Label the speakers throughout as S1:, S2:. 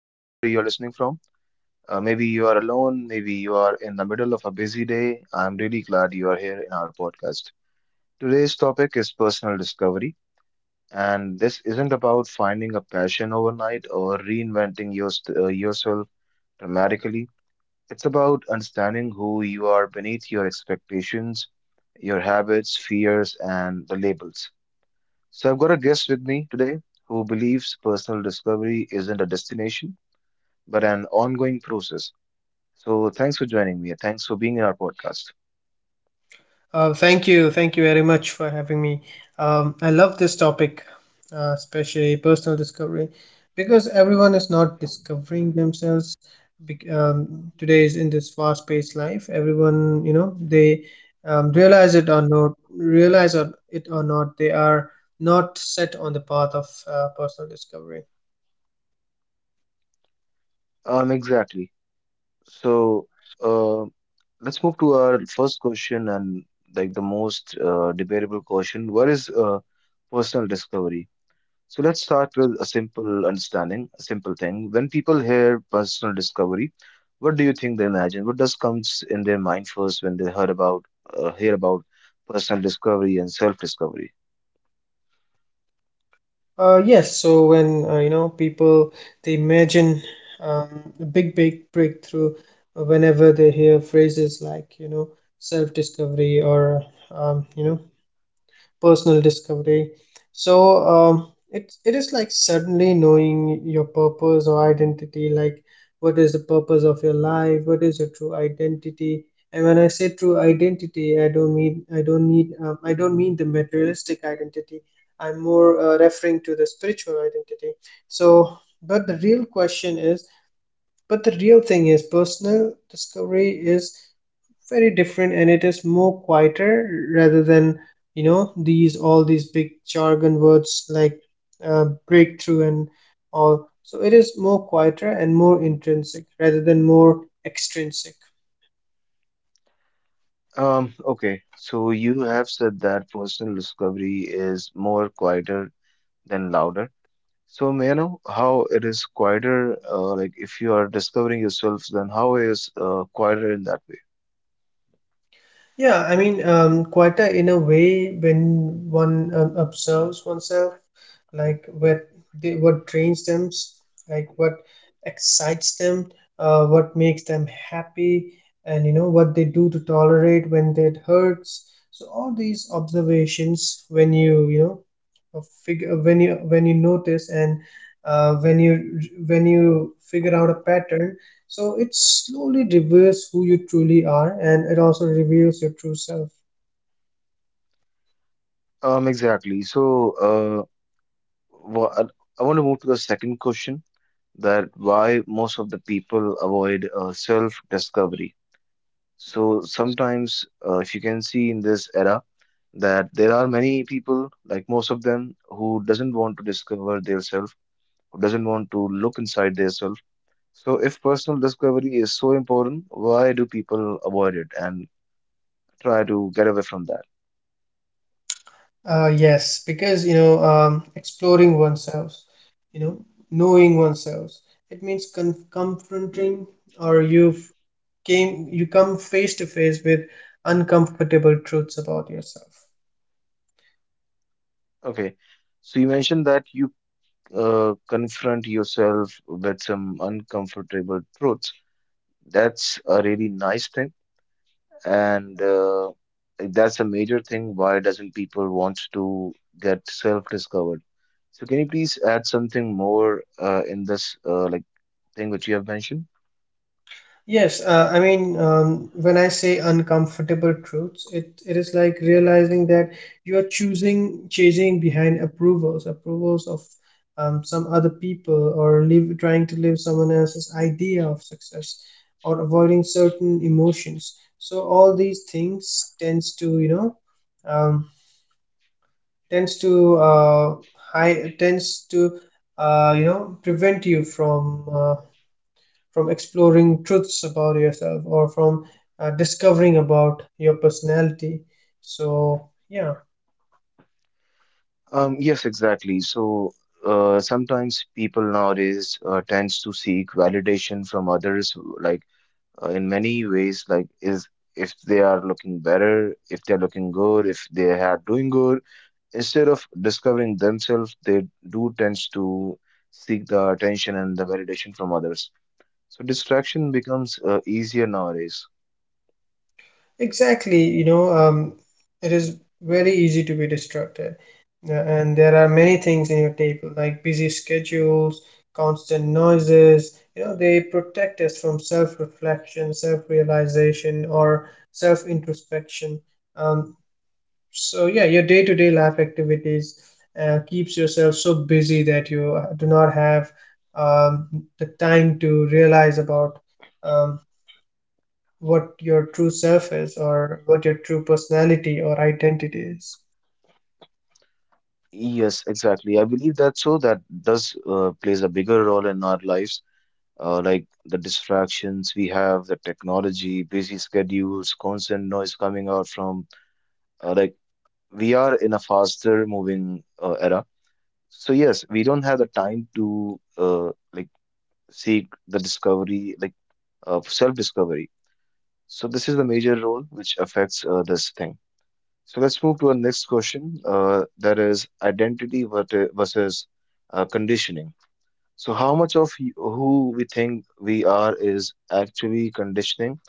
S1: Wherever you're listening from, maybe you are alone, maybe you are in the middle of a busy day. I'm really glad you are here in our podcast. Today's topic is personal discovery, and this isn't about finding a passion overnight or reinventing yourself dramatically. It's about understanding who you are beneath your expectations, your habits, fears, and the labels. So I've got a guest with me today who believes personal discovery isn't a destination, but an ongoing process. So thanks for joining me. And Thanks for being in our podcast.
S2: Thank you. Thank you very much for having me. I love this topic, especially personal discovery, because everyone is not discovering themselves. Today is in this fast-paced life, everyone, they realize it or not, they are not set on the path of personal discovery.
S1: Exactly. So uh, let's move to our first question and like the most debatable question. What is personal discovery? So let's start with a simple understanding, a simple thing. When people hear personal discovery, what do you think they imagine? What does comes in their mind first when they heard about hear about personal discovery and self-discovery?
S2: Yes, so when people they imagine a big, big breakthrough whenever they hear phrases like self-discovery or um, you know personal discovery. So it is like suddenly knowing your purpose or identity. Like, what is the purpose of your life? What is your true identity? And when I say true identity, I don't mean the materialistic identity. I'm more referring to the spiritual identity. So, but the real thing is, personal discovery is very different, and it is more quieter rather than these all these big jargon words like breakthrough and all. So it is more quieter and more intrinsic rather than more extrinsic.
S1: Okay, so you have said that personal discovery is more quieter than louder. So may I know how it is quieter? Like if you are discovering yourself, then how is quieter in that way?
S2: Yeah, I mean, in a way, when one observes oneself, like what drains them, like what excites them, what makes them happy, and what they do to tolerate when it hurts. So all these observations, when you know figure when you notice and uh, when you when you figure out a pattern, so it slowly reveals who you truly are, and it also reveals your true self.
S1: Um, exactly. So uh, Well, I want to move to the second question that why most of the people avoid self-discovery. So sometimes, if you can see in this era, that there are many people, like most of them, who doesn't want to discover their self, who doesn't want to look inside their self. So if personal discovery is so important, why do people avoid it and try to get away from that?
S2: Yes, because exploring oneself, you know knowing oneself, it means confronting, or you come face to face with uncomfortable truths about yourself.
S1: Okay. So you mentioned that you confront yourself with some uncomfortable truths. That's a really nice thing, and that's a major thing why doesn't people wants to get self-discovered. So can you please add something more in this, thing which you have mentioned?
S2: Yes, when I say uncomfortable truths, it is like realizing that chasing behind approvals, approvals of some other people, or trying to live someone else's idea of success, or avoiding certain emotions. So all these things tends to, um, tends to uh, tends to, prevent you from exploring truths about yourself, or from discovering about your personality. So yeah.
S1: Yes, exactly. So sometimes people nowadays tends to seek validation from others, like in many ways, like is if they are looking better, if they're looking good, if they are doing good, instead of discovering themselves, they do tends to seek the attention and the validation from others. So distraction becomes easier nowadays.
S2: Exactly. It is very easy to be distracted. And there are many things in your table like busy schedules, constant noises. They protect us from self-reflection, self-realization, or self-introspection. um, so yeah, your day-to-day life activities keeps yourself so busy that you do not have um, the time to realize about um, what your true self is, or what your true personality or identity is.
S1: Yes, exactly. I believe that so that does plays a bigger role in our lives, like the distractions we have, the technology, busy schedules, constant noise coming out from uh, like we are in a faster moving era. So yes, we don't have the time to seek the discovery, like self-discovery. So this is the major role which affects this thing. So let's move to our next question. That is identity versus conditioning. So how much of who we think we are is actually conditioning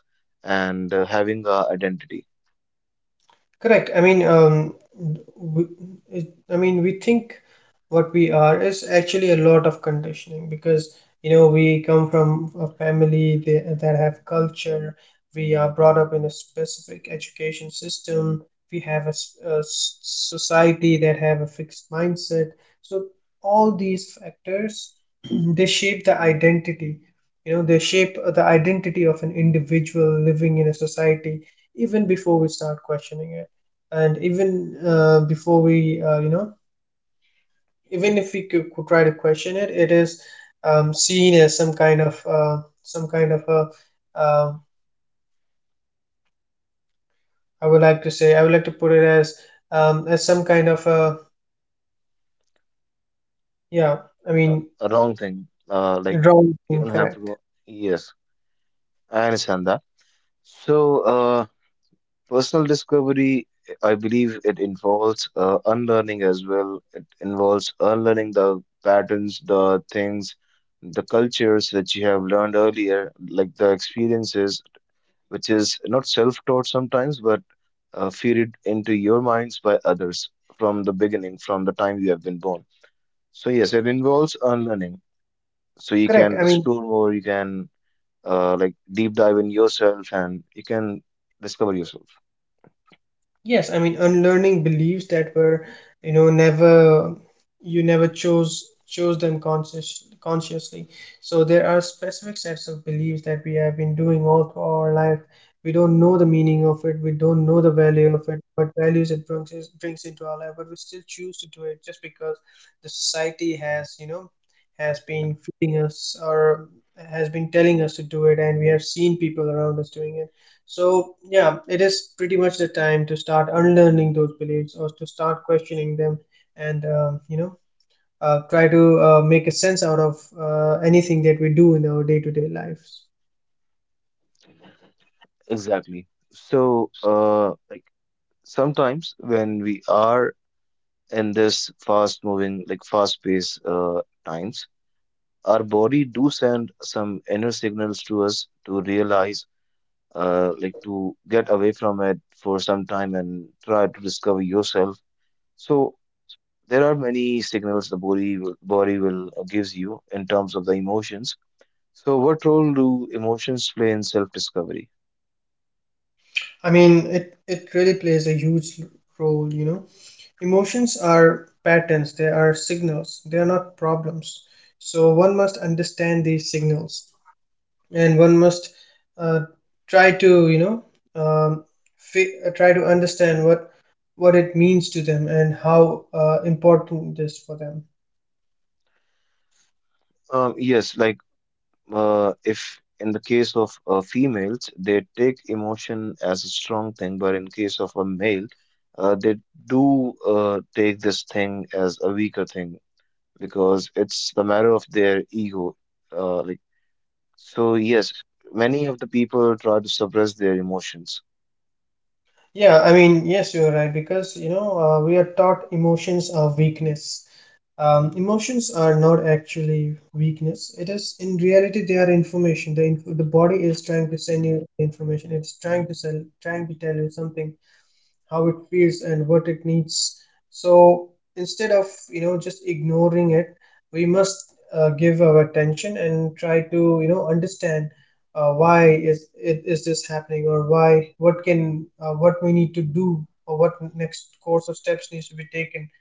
S1: and having our identity?
S2: Correct. W- I mean, we think what we are is actually a lot of conditioning, because we come from a family that have culture. We are brought up in a specific education system. We have a, society that have a fixed mindset. So all these factors they shape the identity. You know, they shape the identity of an individual living in a society even before we start questioning it, and even before we even if we could try to question it, it is seen as some kind of a I would like to put it as some kind of a, yeah, I
S1: Uh,
S2: mean,
S1: a wrong thing. Like
S2: wrong
S1: you
S2: thing.
S1: don't have to
S2: Correct.
S1: go. Yes, I understand that. So personal discovery, I believe it involves unlearning as well. It involves unlearning the patterns, the things, the cultures that you have learned earlier, like the experiences, which is not self-taught sometimes, but fed into your minds by others from the beginning, from the time you have been born. So yes, it involves unlearning. So you
S2: Correct.
S1: can
S2: I mean,
S1: explore more, you can deep dive in yourself, and you can discover yourself.
S2: yes, I mean, unlearning beliefs that were, never you never chose them consciously. So there are specific sets of beliefs that we have been doing all through our life. We don't know the meaning of it. We don't know the value of it. What values it brings brings into our life, but we still choose to do it just because the society has, has been feeding us, or has been telling us to do it, and we have seen people around us doing it. So, yeah, it is pretty much the time to start unlearning those beliefs, or to start questioning them, and, try to make a sense out of anything that we do in our day-to-day lives.
S1: Exactly. So, like sometimes when we are in this fast moving, like fast paced times, our body do send some inner signals to us to realize, to get away from it for some time and try to discover yourself. So there are many signals the body will gives you in terms of the emotions. So what role do emotions play in self-discovery?
S2: I mean, it really plays a huge role, you know. Emotions are patterns, they are signals, they are not problems. So, one must understand these signals, and one must uh, try to um, try to understand what it means to them, and how important it is for them.
S1: Yes, like if in the case of females, they take emotion as a strong thing, but in case of a male, they do take this thing as a weaker thing because it's the matter of their ego. Like so, yes, many of the people try to suppress their emotions.
S2: Yeah, I mean, yes, you're right, because we are taught emotions are weakness. Emotions are not actually weakness. It is in reality they are information. The body is trying to send you information. It's trying to sell trying to tell you something, how it feels and what it needs. So instead of just ignoring it, we must give our attention and try to understand why is it is this happening, or why what can what we need to do, or what next course of steps needs to be taken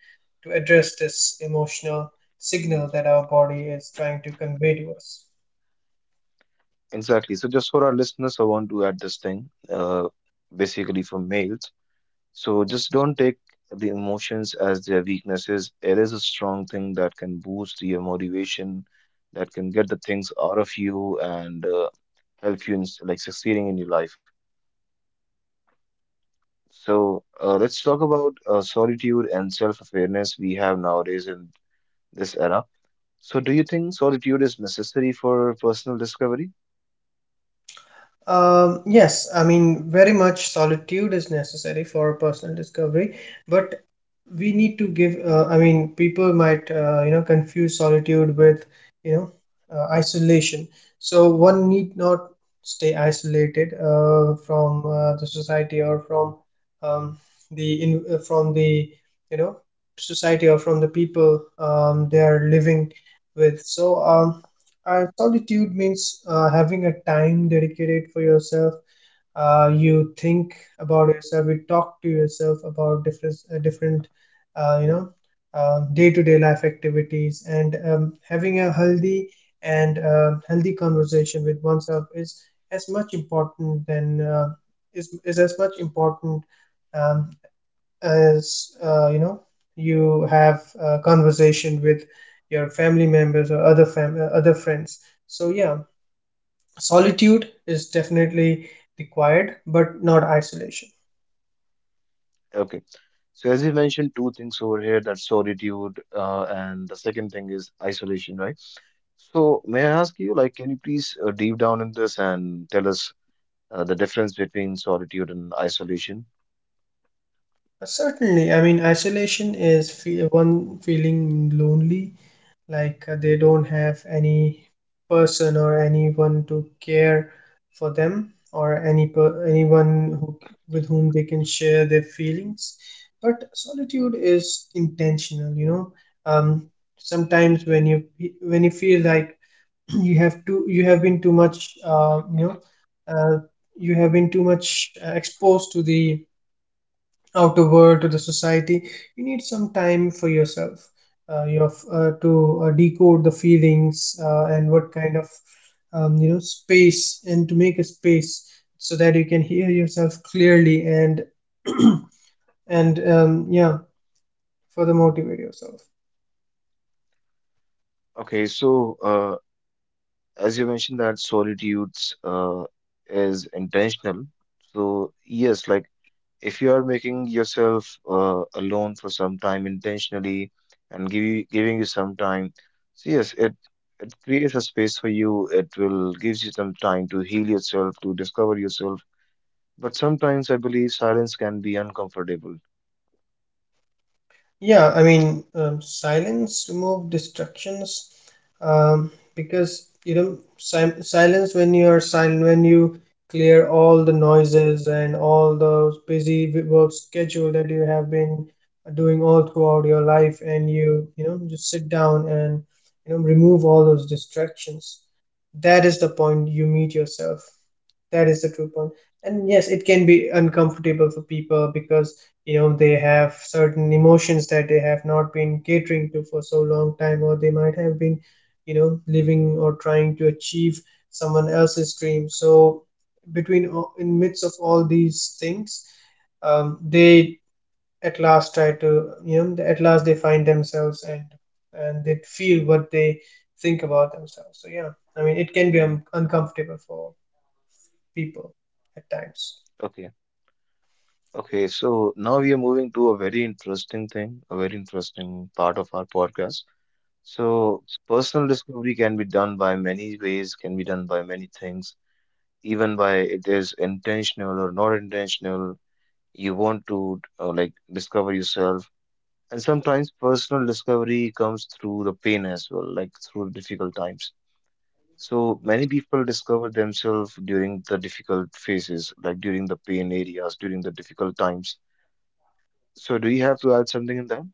S2: to address this emotional signal that our body is trying to convey to us.
S1: Exactly. So, just for our listeners, I want to add this thing, basically for males. So just don't take the emotions as their weaknesses. It is a strong thing that can boost your motivation, that can get the things out of you and help you in succeeding in your life. So let's talk about solitude and self-awareness we have nowadays in this era. So do you think solitude is necessary for personal discovery?
S2: Yes, I mean, very much, solitude is necessary for personal discovery, but we need to give, I mean, people might, you know, confuse solitude with, you know, isolation. So one need not stay isolated from the society, or from um, from the, you know, society, or from the people they are living with. So and solitude means having a time dedicated for yourself. You think about yourself. You talk to yourself about different, uh, you know, day-to-day life activities. And having a healthy and healthy conversation with oneself is as much important than is as much important um, as you have a conversation with your family members, or other friends. So yeah, solitude is definitely required, but not isolation.
S1: Okay. So as you mentioned, two things over here, that solitude and the second thing is isolation, right? So, may I ask you, like, can you please deep down in this and tell us the difference between solitude and isolation?
S2: Certainly, I mean, isolation is one feeling lonely, like they don't have any person or anyone to care for them, or anyone who, with whom they can share their feelings. But solitude is intentional, you know. um, Sometimes when you, when you feel like you have been too much uh, you have been too much exposed to the out of work to the society, you need some time for yourself. You have to decode the feelings, and what kind of space, and to make a space so that you can hear yourself clearly and and yeah, further motivate yourself.
S1: Okay, so as you mentioned that solitudes is intentional. So, yes, like if you are making yourself alone for some time intentionally and giving you some time, so yes, it creates a space for you. It will gives you some time to heal yourself, to discover yourself. But sometimes I believe silence can be uncomfortable.
S2: Yeah, I mean, silence remove distractions. Because silence, when you are silent, when you clear all the noises and all those work schedule that you have been doing all throughout your life, and just sit down and remove all those distractions, that is the point you meet yourself. That is the true point. And yes, it can be uncomfortable for people, because they have certain emotions that they have not been catering to for so long time, or they might have been living, or trying to achieve someone else's dream. So in midst of all these things, they at last try to at last they find themselves, and they feel what they think about themselves. So yeah, I mean it can be uncomfortable for people at times.
S1: Okay. Okay. So now we are moving to a very interesting thing, a very interesting part of our podcast. So personal discovery can be done by many ways, can be done by many things, even by it is intentional or not intentional. You want to discover yourself. And sometimes personal discovery comes through the pain as well, like through difficult times. So many people discover themselves during the difficult phases, like during the pain areas, during the difficult times. So do you have to add something in that?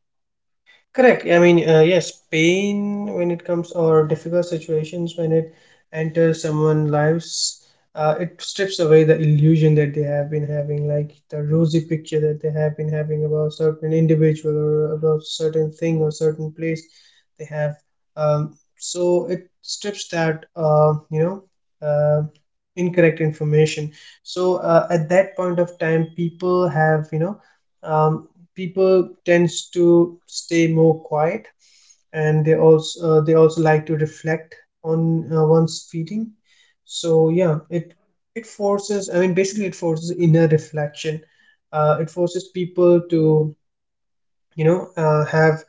S2: Correct. I mean, yes, pain when it comes, or difficult situations when it enters someone's lives, it strips away the illusion that they have been having, like the rosy picture that they have been having about certain individual, or about certain thing or certain place they have. So it strips that, uh, incorrect information. So at that point of time, people have, you know, um, people tends to stay more quiet, and they also like to reflect on one's feeling. So yeah, it forces, I mean basically it forces inner reflection. It forces people to have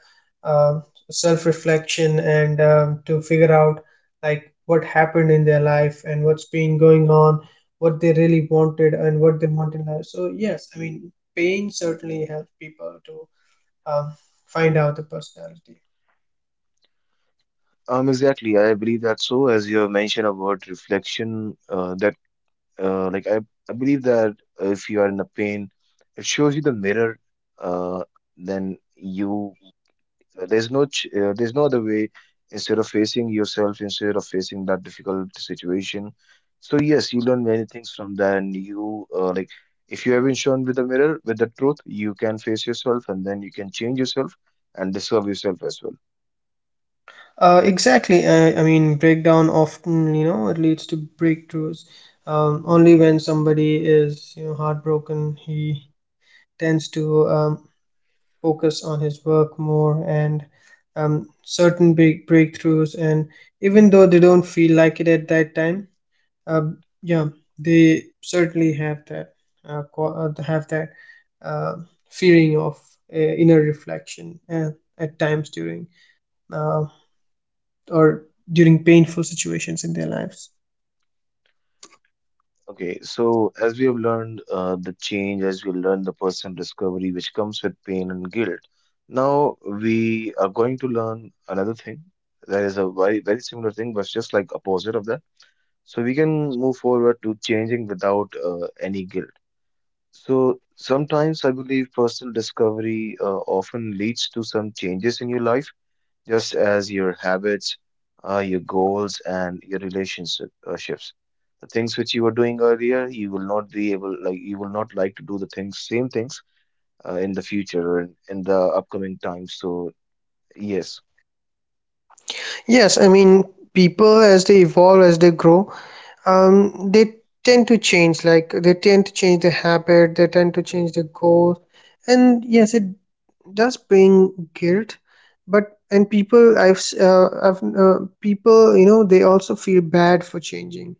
S2: uh, self reflection, and to figure out like what happened in their life, and what's been going on, what they really wanted, and what they want in life. So yes, I mean pain certainly helps people to um, find out the personality.
S1: Exactly. I believe that so, as you have mentioned about reflection, uh, like I, I believe that if you are in a pain, it shows you the mirror, uh, then you. There's no other way instead of facing yourself, instead of facing that difficult situation. So yes, you learn many things from that, and you if you have been shown with the mirror with the truth, you can face yourself, and then you can change yourself and discover yourself as well.
S2: Exactly. I mean, breakdown often, you know, it leads to breakthroughs. Only when somebody is, heartbroken, he tends to focus on his work more, and certain big breakthroughs. And even though they don't feel like it at that time, uh, yeah, they certainly have that uh, feeling of inner reflection at times during uh, or during painful situations in their lives.
S1: Okay, so as we have learned the change, as we learn the personal discovery, which comes with pain and guilt. Now we are going to learn another thing. That is a very very similar thing, but just like opposite of that. So we can move forward to changing without any guilt. So sometimes I believe personal discovery often leads to some changes in your life, just as your habits, your goals, and your relationship shifts. The things which you were doing earlier, you will not be able, like you will not like to do the things, same things in the future or in the upcoming time. So yes,
S2: Yes, I mean, people as they evolve, as they grow, they tend to change. Like they tend to change their habit, they tend to change their goals, and yes, it does bring guilt. But and people, people, you know, they also feel bad for changing.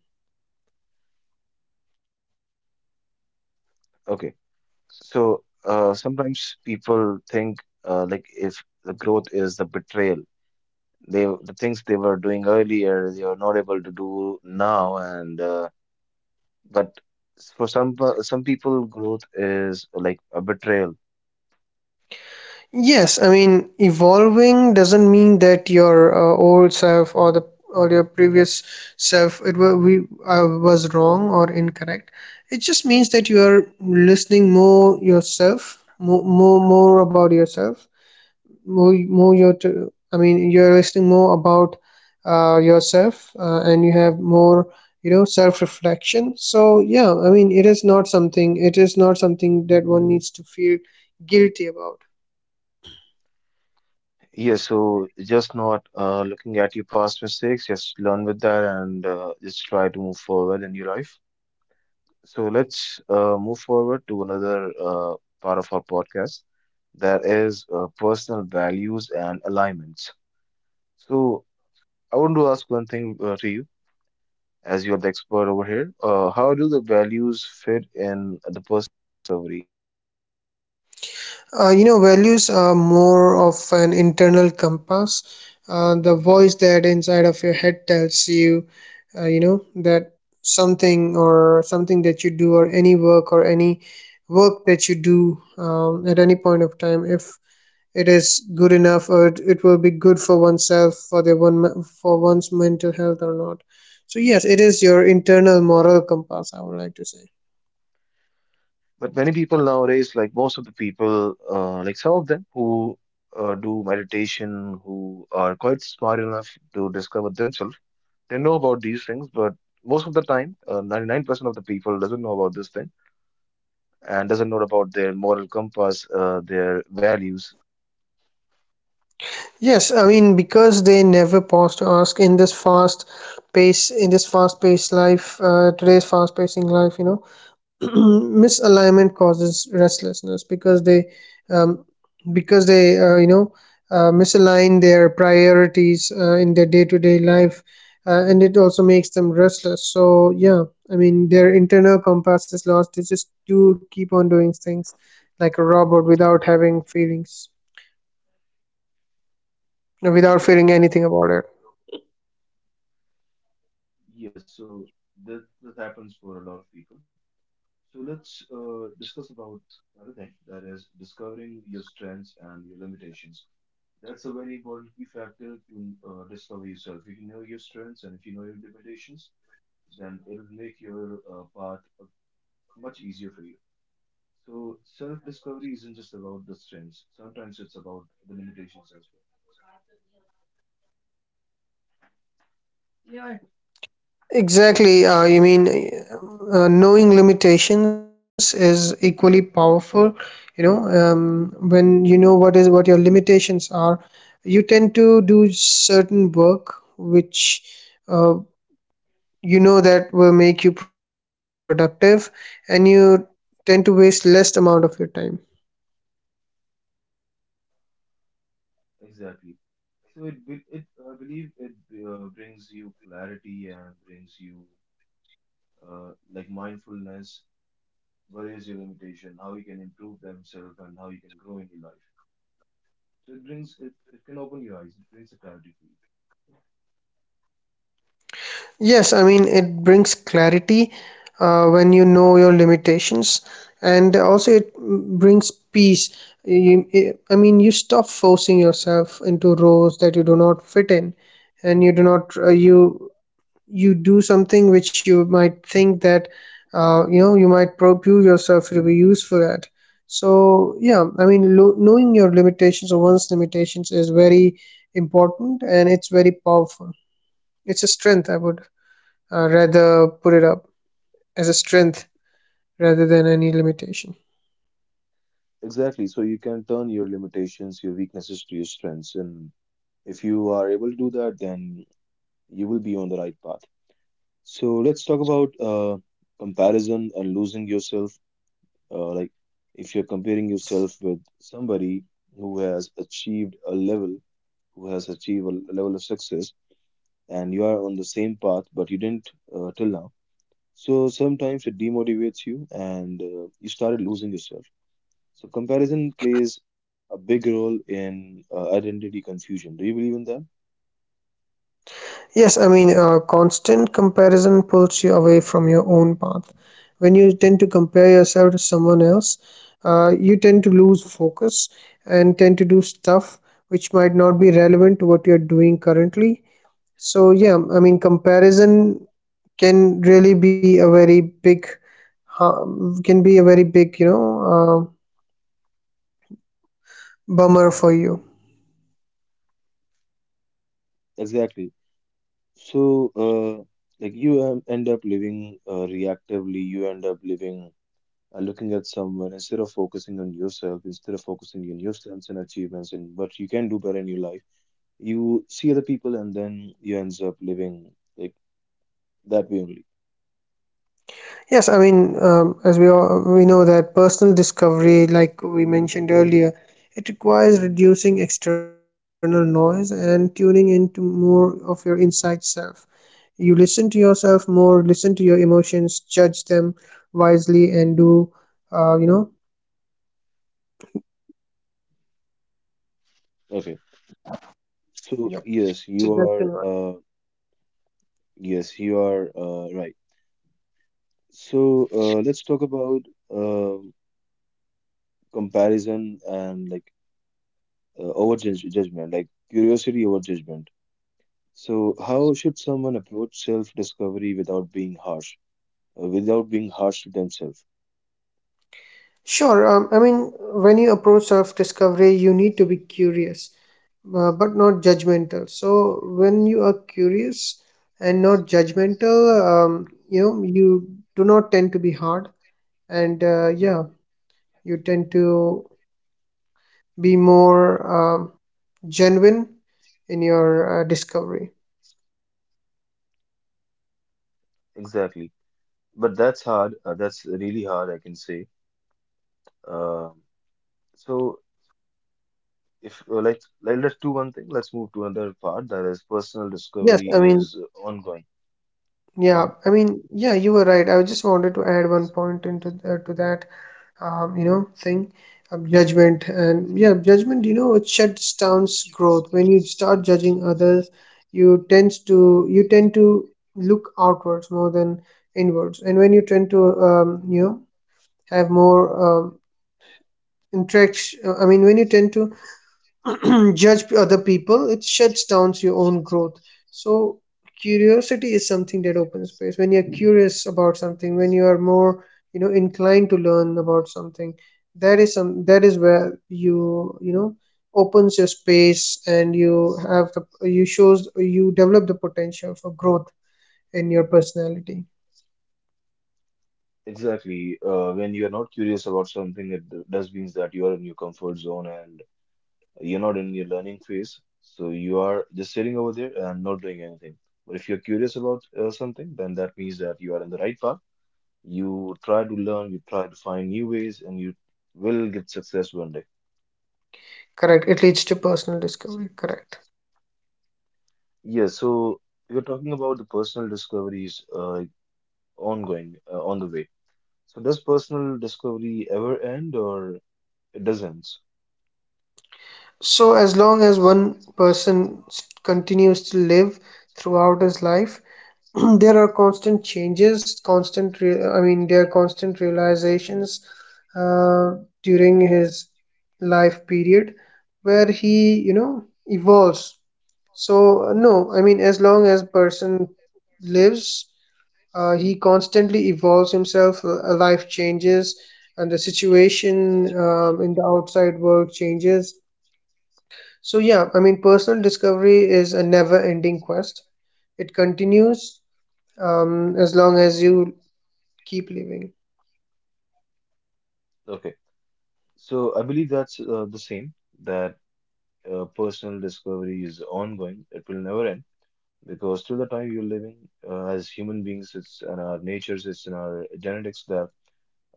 S1: okay. So sometimes people think like if the growth is the betrayal, they the things they were doing earlier they are not able to do now, and but for some people growth is like a betrayal.
S2: Yes, I mean, evolving doesn't mean that your old self or your previous self it were, we was wrong or incorrect. It just means that you are listening more yourself, more about yourself, I mean, you're listening more about yourself, and you have more, you know, self reflection. So yeah, I mean, It is not something that one needs to feel guilty about.
S1: Yeah, so just not looking at your past mistakes, just learn with that and just try to move forward in your life. So let's move forward to another part of our podcast that is personal values and alignments. So I want to ask one thing to you, as you are the expert over here. How do the values fit in the personal discovery?
S2: You know, values are more of an internal compass. The voice that inside of your head tells you, you know, that something or something that you do, or any work that you do at any point of time, if it is good enough, or it will be good for oneself, for their one, for one's mental health or not. So yes, it is your internal moral compass, I would like to say.
S3: But many people nowadays, like most of the people, like some of them who do meditation, who are quite smart enough to discover themselves, they know about these things. But most of the time, 99% of the people doesn't know about this thing and doesn't know about their moral compass, their values.
S2: Yes, I mean, because they never pause to ask in this fast pace, in this fast-paced life, today's fast-pacing life, you know, misalignment causes restlessness um, because they, you know, misalign their priorities in their day-to-day life, and it also makes them restless. So yeah, I mean, their internal compass is lost. They just do keep on doing things like a robot without having feelings,
S3: Um,
S2: without feeling
S3: exactly.
S2: anything
S3: So
S2: about it.
S3: yes, so that happens for a lot of people. So let's discuss about another thing, that is discovering your strengths and your limitations. That's a very important key factor to discover yourself. If you know your strengths and if you know your limitations, then it'll make your path much easier for you. So self-discovery isn't just about the strengths. Sometimes it's about the limitations as well.
S2: Exactly. You mean knowing limitations is equally powerful. You know, when you know what is what your limitations are, you tend to do certain work which, uh, you know, that will make you productive, and you tend to waste less amount of your time.
S3: Exactly. So it, I believe, it brings you clarity and brings you like mindfulness. Where is your limitation? How you can improve themselves and how you can grow in your life. So it brings It, it can open your eyes. It brings a clarity for you.
S2: Yes, I mean, it brings clarity when you know your limitations, and also it, brings peace. I mean, you stop forcing yourself into roles that you do not fit in, and you do not, you do something which you might think that, you know, you might prove yourself to be useful at. So yeah, I mean, knowing your limitations or one's limitations is very important, and it's very powerful. It's a strength, I would rather put it up as a strength rather than any limitation.
S3: Exactly. So you can turn your limitations, your weaknesses, to your strengths. And if you are able to do that, then you will be on the right path. So let's talk about comparison and losing yourself. Like, if you're comparing yourself with somebody who has achieved a level, who has achieved a level of success, and you are on the same path, but you didn't till now. So sometimes it demotivates you, and you started losing yourself. So comparison plays a big role in identity confusion. Do you believe in that?
S2: Yes, I mean, constant comparison pulls you away from your own path. When you tend to compare yourself to someone else, you tend to lose focus and tend to do stuff which might not be relevant to what you're doing currently. So, yeah, I mean, comparison can really be a can be a very big, you know, uh, bummer for you.
S3: Exactly. So, like, you end up living reactively. You end up living looking at someone instead of focusing on yourself, instead of focusing on your strengths and achievements and what you can do better in your life. You see other people, and then you ends up living like that way only.
S2: Yes, I mean, as we know that personal discovery, like we mentioned earlier, it requires reducing external noise and tuning into more of your inside self. You listen to yourself more, listen to your emotions, judge them wisely, and do, you know.
S3: Okay. So
S2: Yep.
S3: yes, you are.
S2: Suggestion.
S3: Yes, you are right. So let's talk about um comparison and, like, over judgment, like curiosity over judgment. So how should someone approach self discovery without being harsh, without being harsh to themselves?
S2: Sure. I mean, when you approach self discovery, you need to be curious, but not judgmental. So when you are curious and not judgmental, you know, you do not tend to be hard, and yeah, you tend to be more, um, genuine in your discovery.
S3: Exactly. But that's hard. That's really hard, I can say. Um so, if like, let's do one thing, let's move to another part, that is personal
S2: Yes,
S3: discovery
S2: I mean,
S3: is ongoing. Mhm.
S2: yeah, you were right. I just wanted to add one point into to that, you know thing, judgment. And yeah judgment you know, it shuts down growth. When you start judging others, you tend to look outwards more than inwards. And when you tend to, you know, have more, um, interaction, I mean, when you tend to judge other people, it shuts down your own growth. So curiosity is something that opens space. When you're curious about something, when you are more, you know, inclined to learn about something, that is where you know, opens your space, and you have the, you develop the potential for growth in your personality.
S3: Exactly. When you are not curious about something, it does means that you are in your comfort zone and. You're not in your learning phase, so you are just sitting over there and not doing anything. But if you're curious about something, then that means that you are in the right path. You try to learn, you try to find new ways, and you will get success one day.
S2: Correct, it leads to personal discovery. Correct.
S3: Yeah, so you're talking about the personal discoveries ongoing, on the way. So does personal discovery ever end or it doesn't?
S2: So as long as one person continues to live throughout his life there are constant changes, I mean, there are constant realizations uh, during his life period, where he, you know, evolves. So no, I mean, as long as person lives, he constantly evolves himself. Life changes, and the situation, in the outside world changes. So yeah, I mean, personal discovery is a never ending quest. It continues, as long as you keep living.
S3: Okay, so I believe that's the same, that personal discovery is ongoing. It will never end, because till the time you're living, as human beings, it's in our natures, it's in our genetics that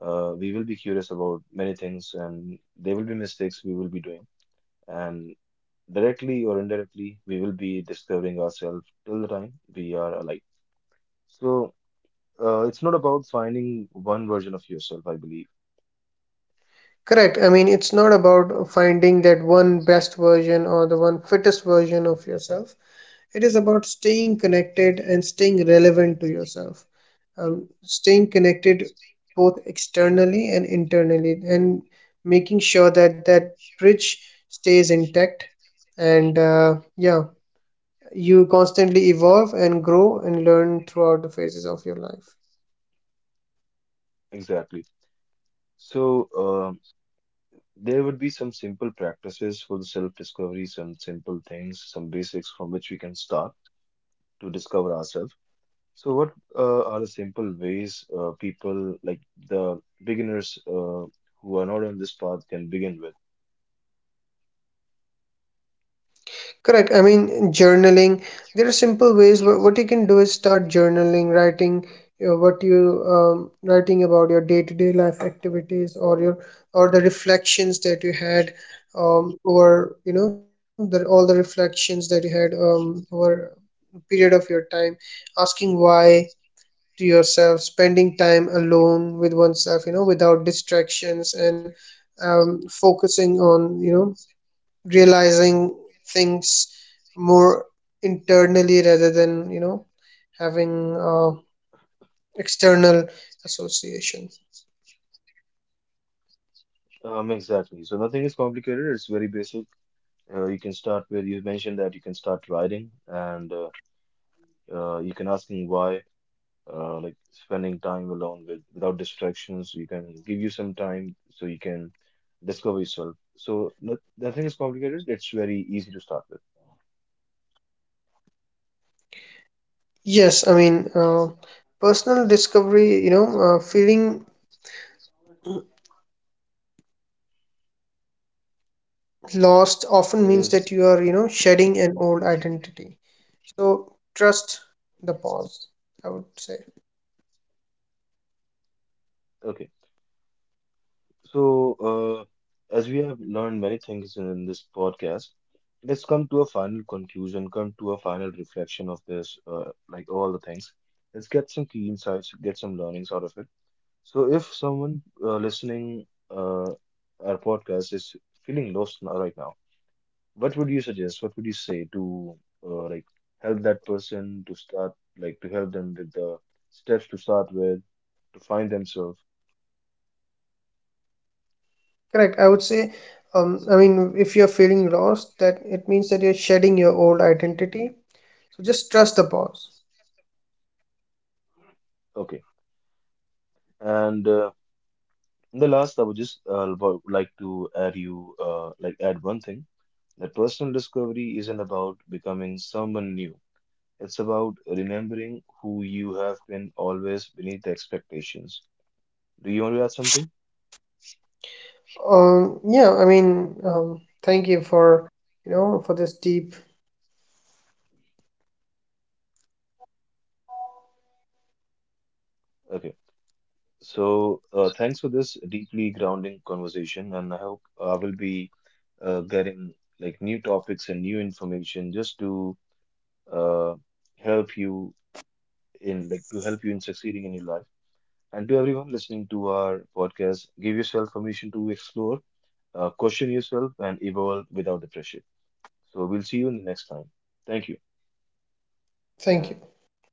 S3: we will be curious about many things, and there will be mistakes we will be doing, and directly or indirectly we will be discovering ourselves till the time we are alive. So it's not about finding one version of yourself, I believe.
S2: Correct. I mean, it's not about finding that one best version or the one fittest version of yourself. It is about staying connected and staying relevant to yourself. Staying connected both externally and internally, and making sure that that bridge stays intact. And yeah, you constantly evolve and grow and learn throughout the phases of your life.
S3: Exactly. So there would be some simple practices for the self discovery, some simple things, some basics from which we can start to discover ourselves. So what are the simple ways, people like the beginners, who are not on this path, can begin with?
S2: Correct. I mean, journaling. There are simple ways. What you can do is start journaling, writing what you writing about your day-to-day life activities, or the reflections that you had, over you know the, all the reflections that you had, over a period of your time. Asking why to yourself, spending time alone with oneself, you know, without distractions, and focusing on, you know, realizing things more internally rather than, you know, having external association.
S3: Exactly. So nothing is complicated. It's very basic. You can start with, you mentioned, that you can start writing, and you can ask him why. Like spending time alone with without distractions. You can give you some time so you can discover yourself. So no, nothing is complicated. It's very easy to start with.
S2: Yes, I mean, personal discovery, you know, feeling lost often means
S3: Is
S2: that you are, you know, shedding an old identity. So trust the pause, I would say.
S3: okay. So, as we have learned many things in this podcast, let's come to a final conclusion, come to a final reflection of this, like, all the things. Let's get some key insights, get some learnings out of it. So, if someone listening our podcast is feeling lost now, right now, what would you suggest? What would you say to like help that person to start, like to help them with the steps to start with, to find themselves?
S2: Correct, I would say, I mean, if you're feeling lost, that it means that you're shedding your old identity, so just trust the pause.
S3: Okay. And in the last, I would just like to add you like add one thing, that personal discovery isn't about becoming someone new. It's about remembering who you have been always beneath the expectations. Do you want to add something?
S2: Yeah, I mean, thank you for, you know, for this deep.
S3: Okay. So thanks for this deeply grounding conversation, and I hope I will be getting, like, new topics and new information, just uh, help you to help you in succeeding in your life. And to everyone listening to our podcast, give yourself permission to explore, question yourself, and evolve without the pressure. So we'll see you in the next time. Thank you, and
S2: Thank
S3: thanks
S2: you.
S3: for being here.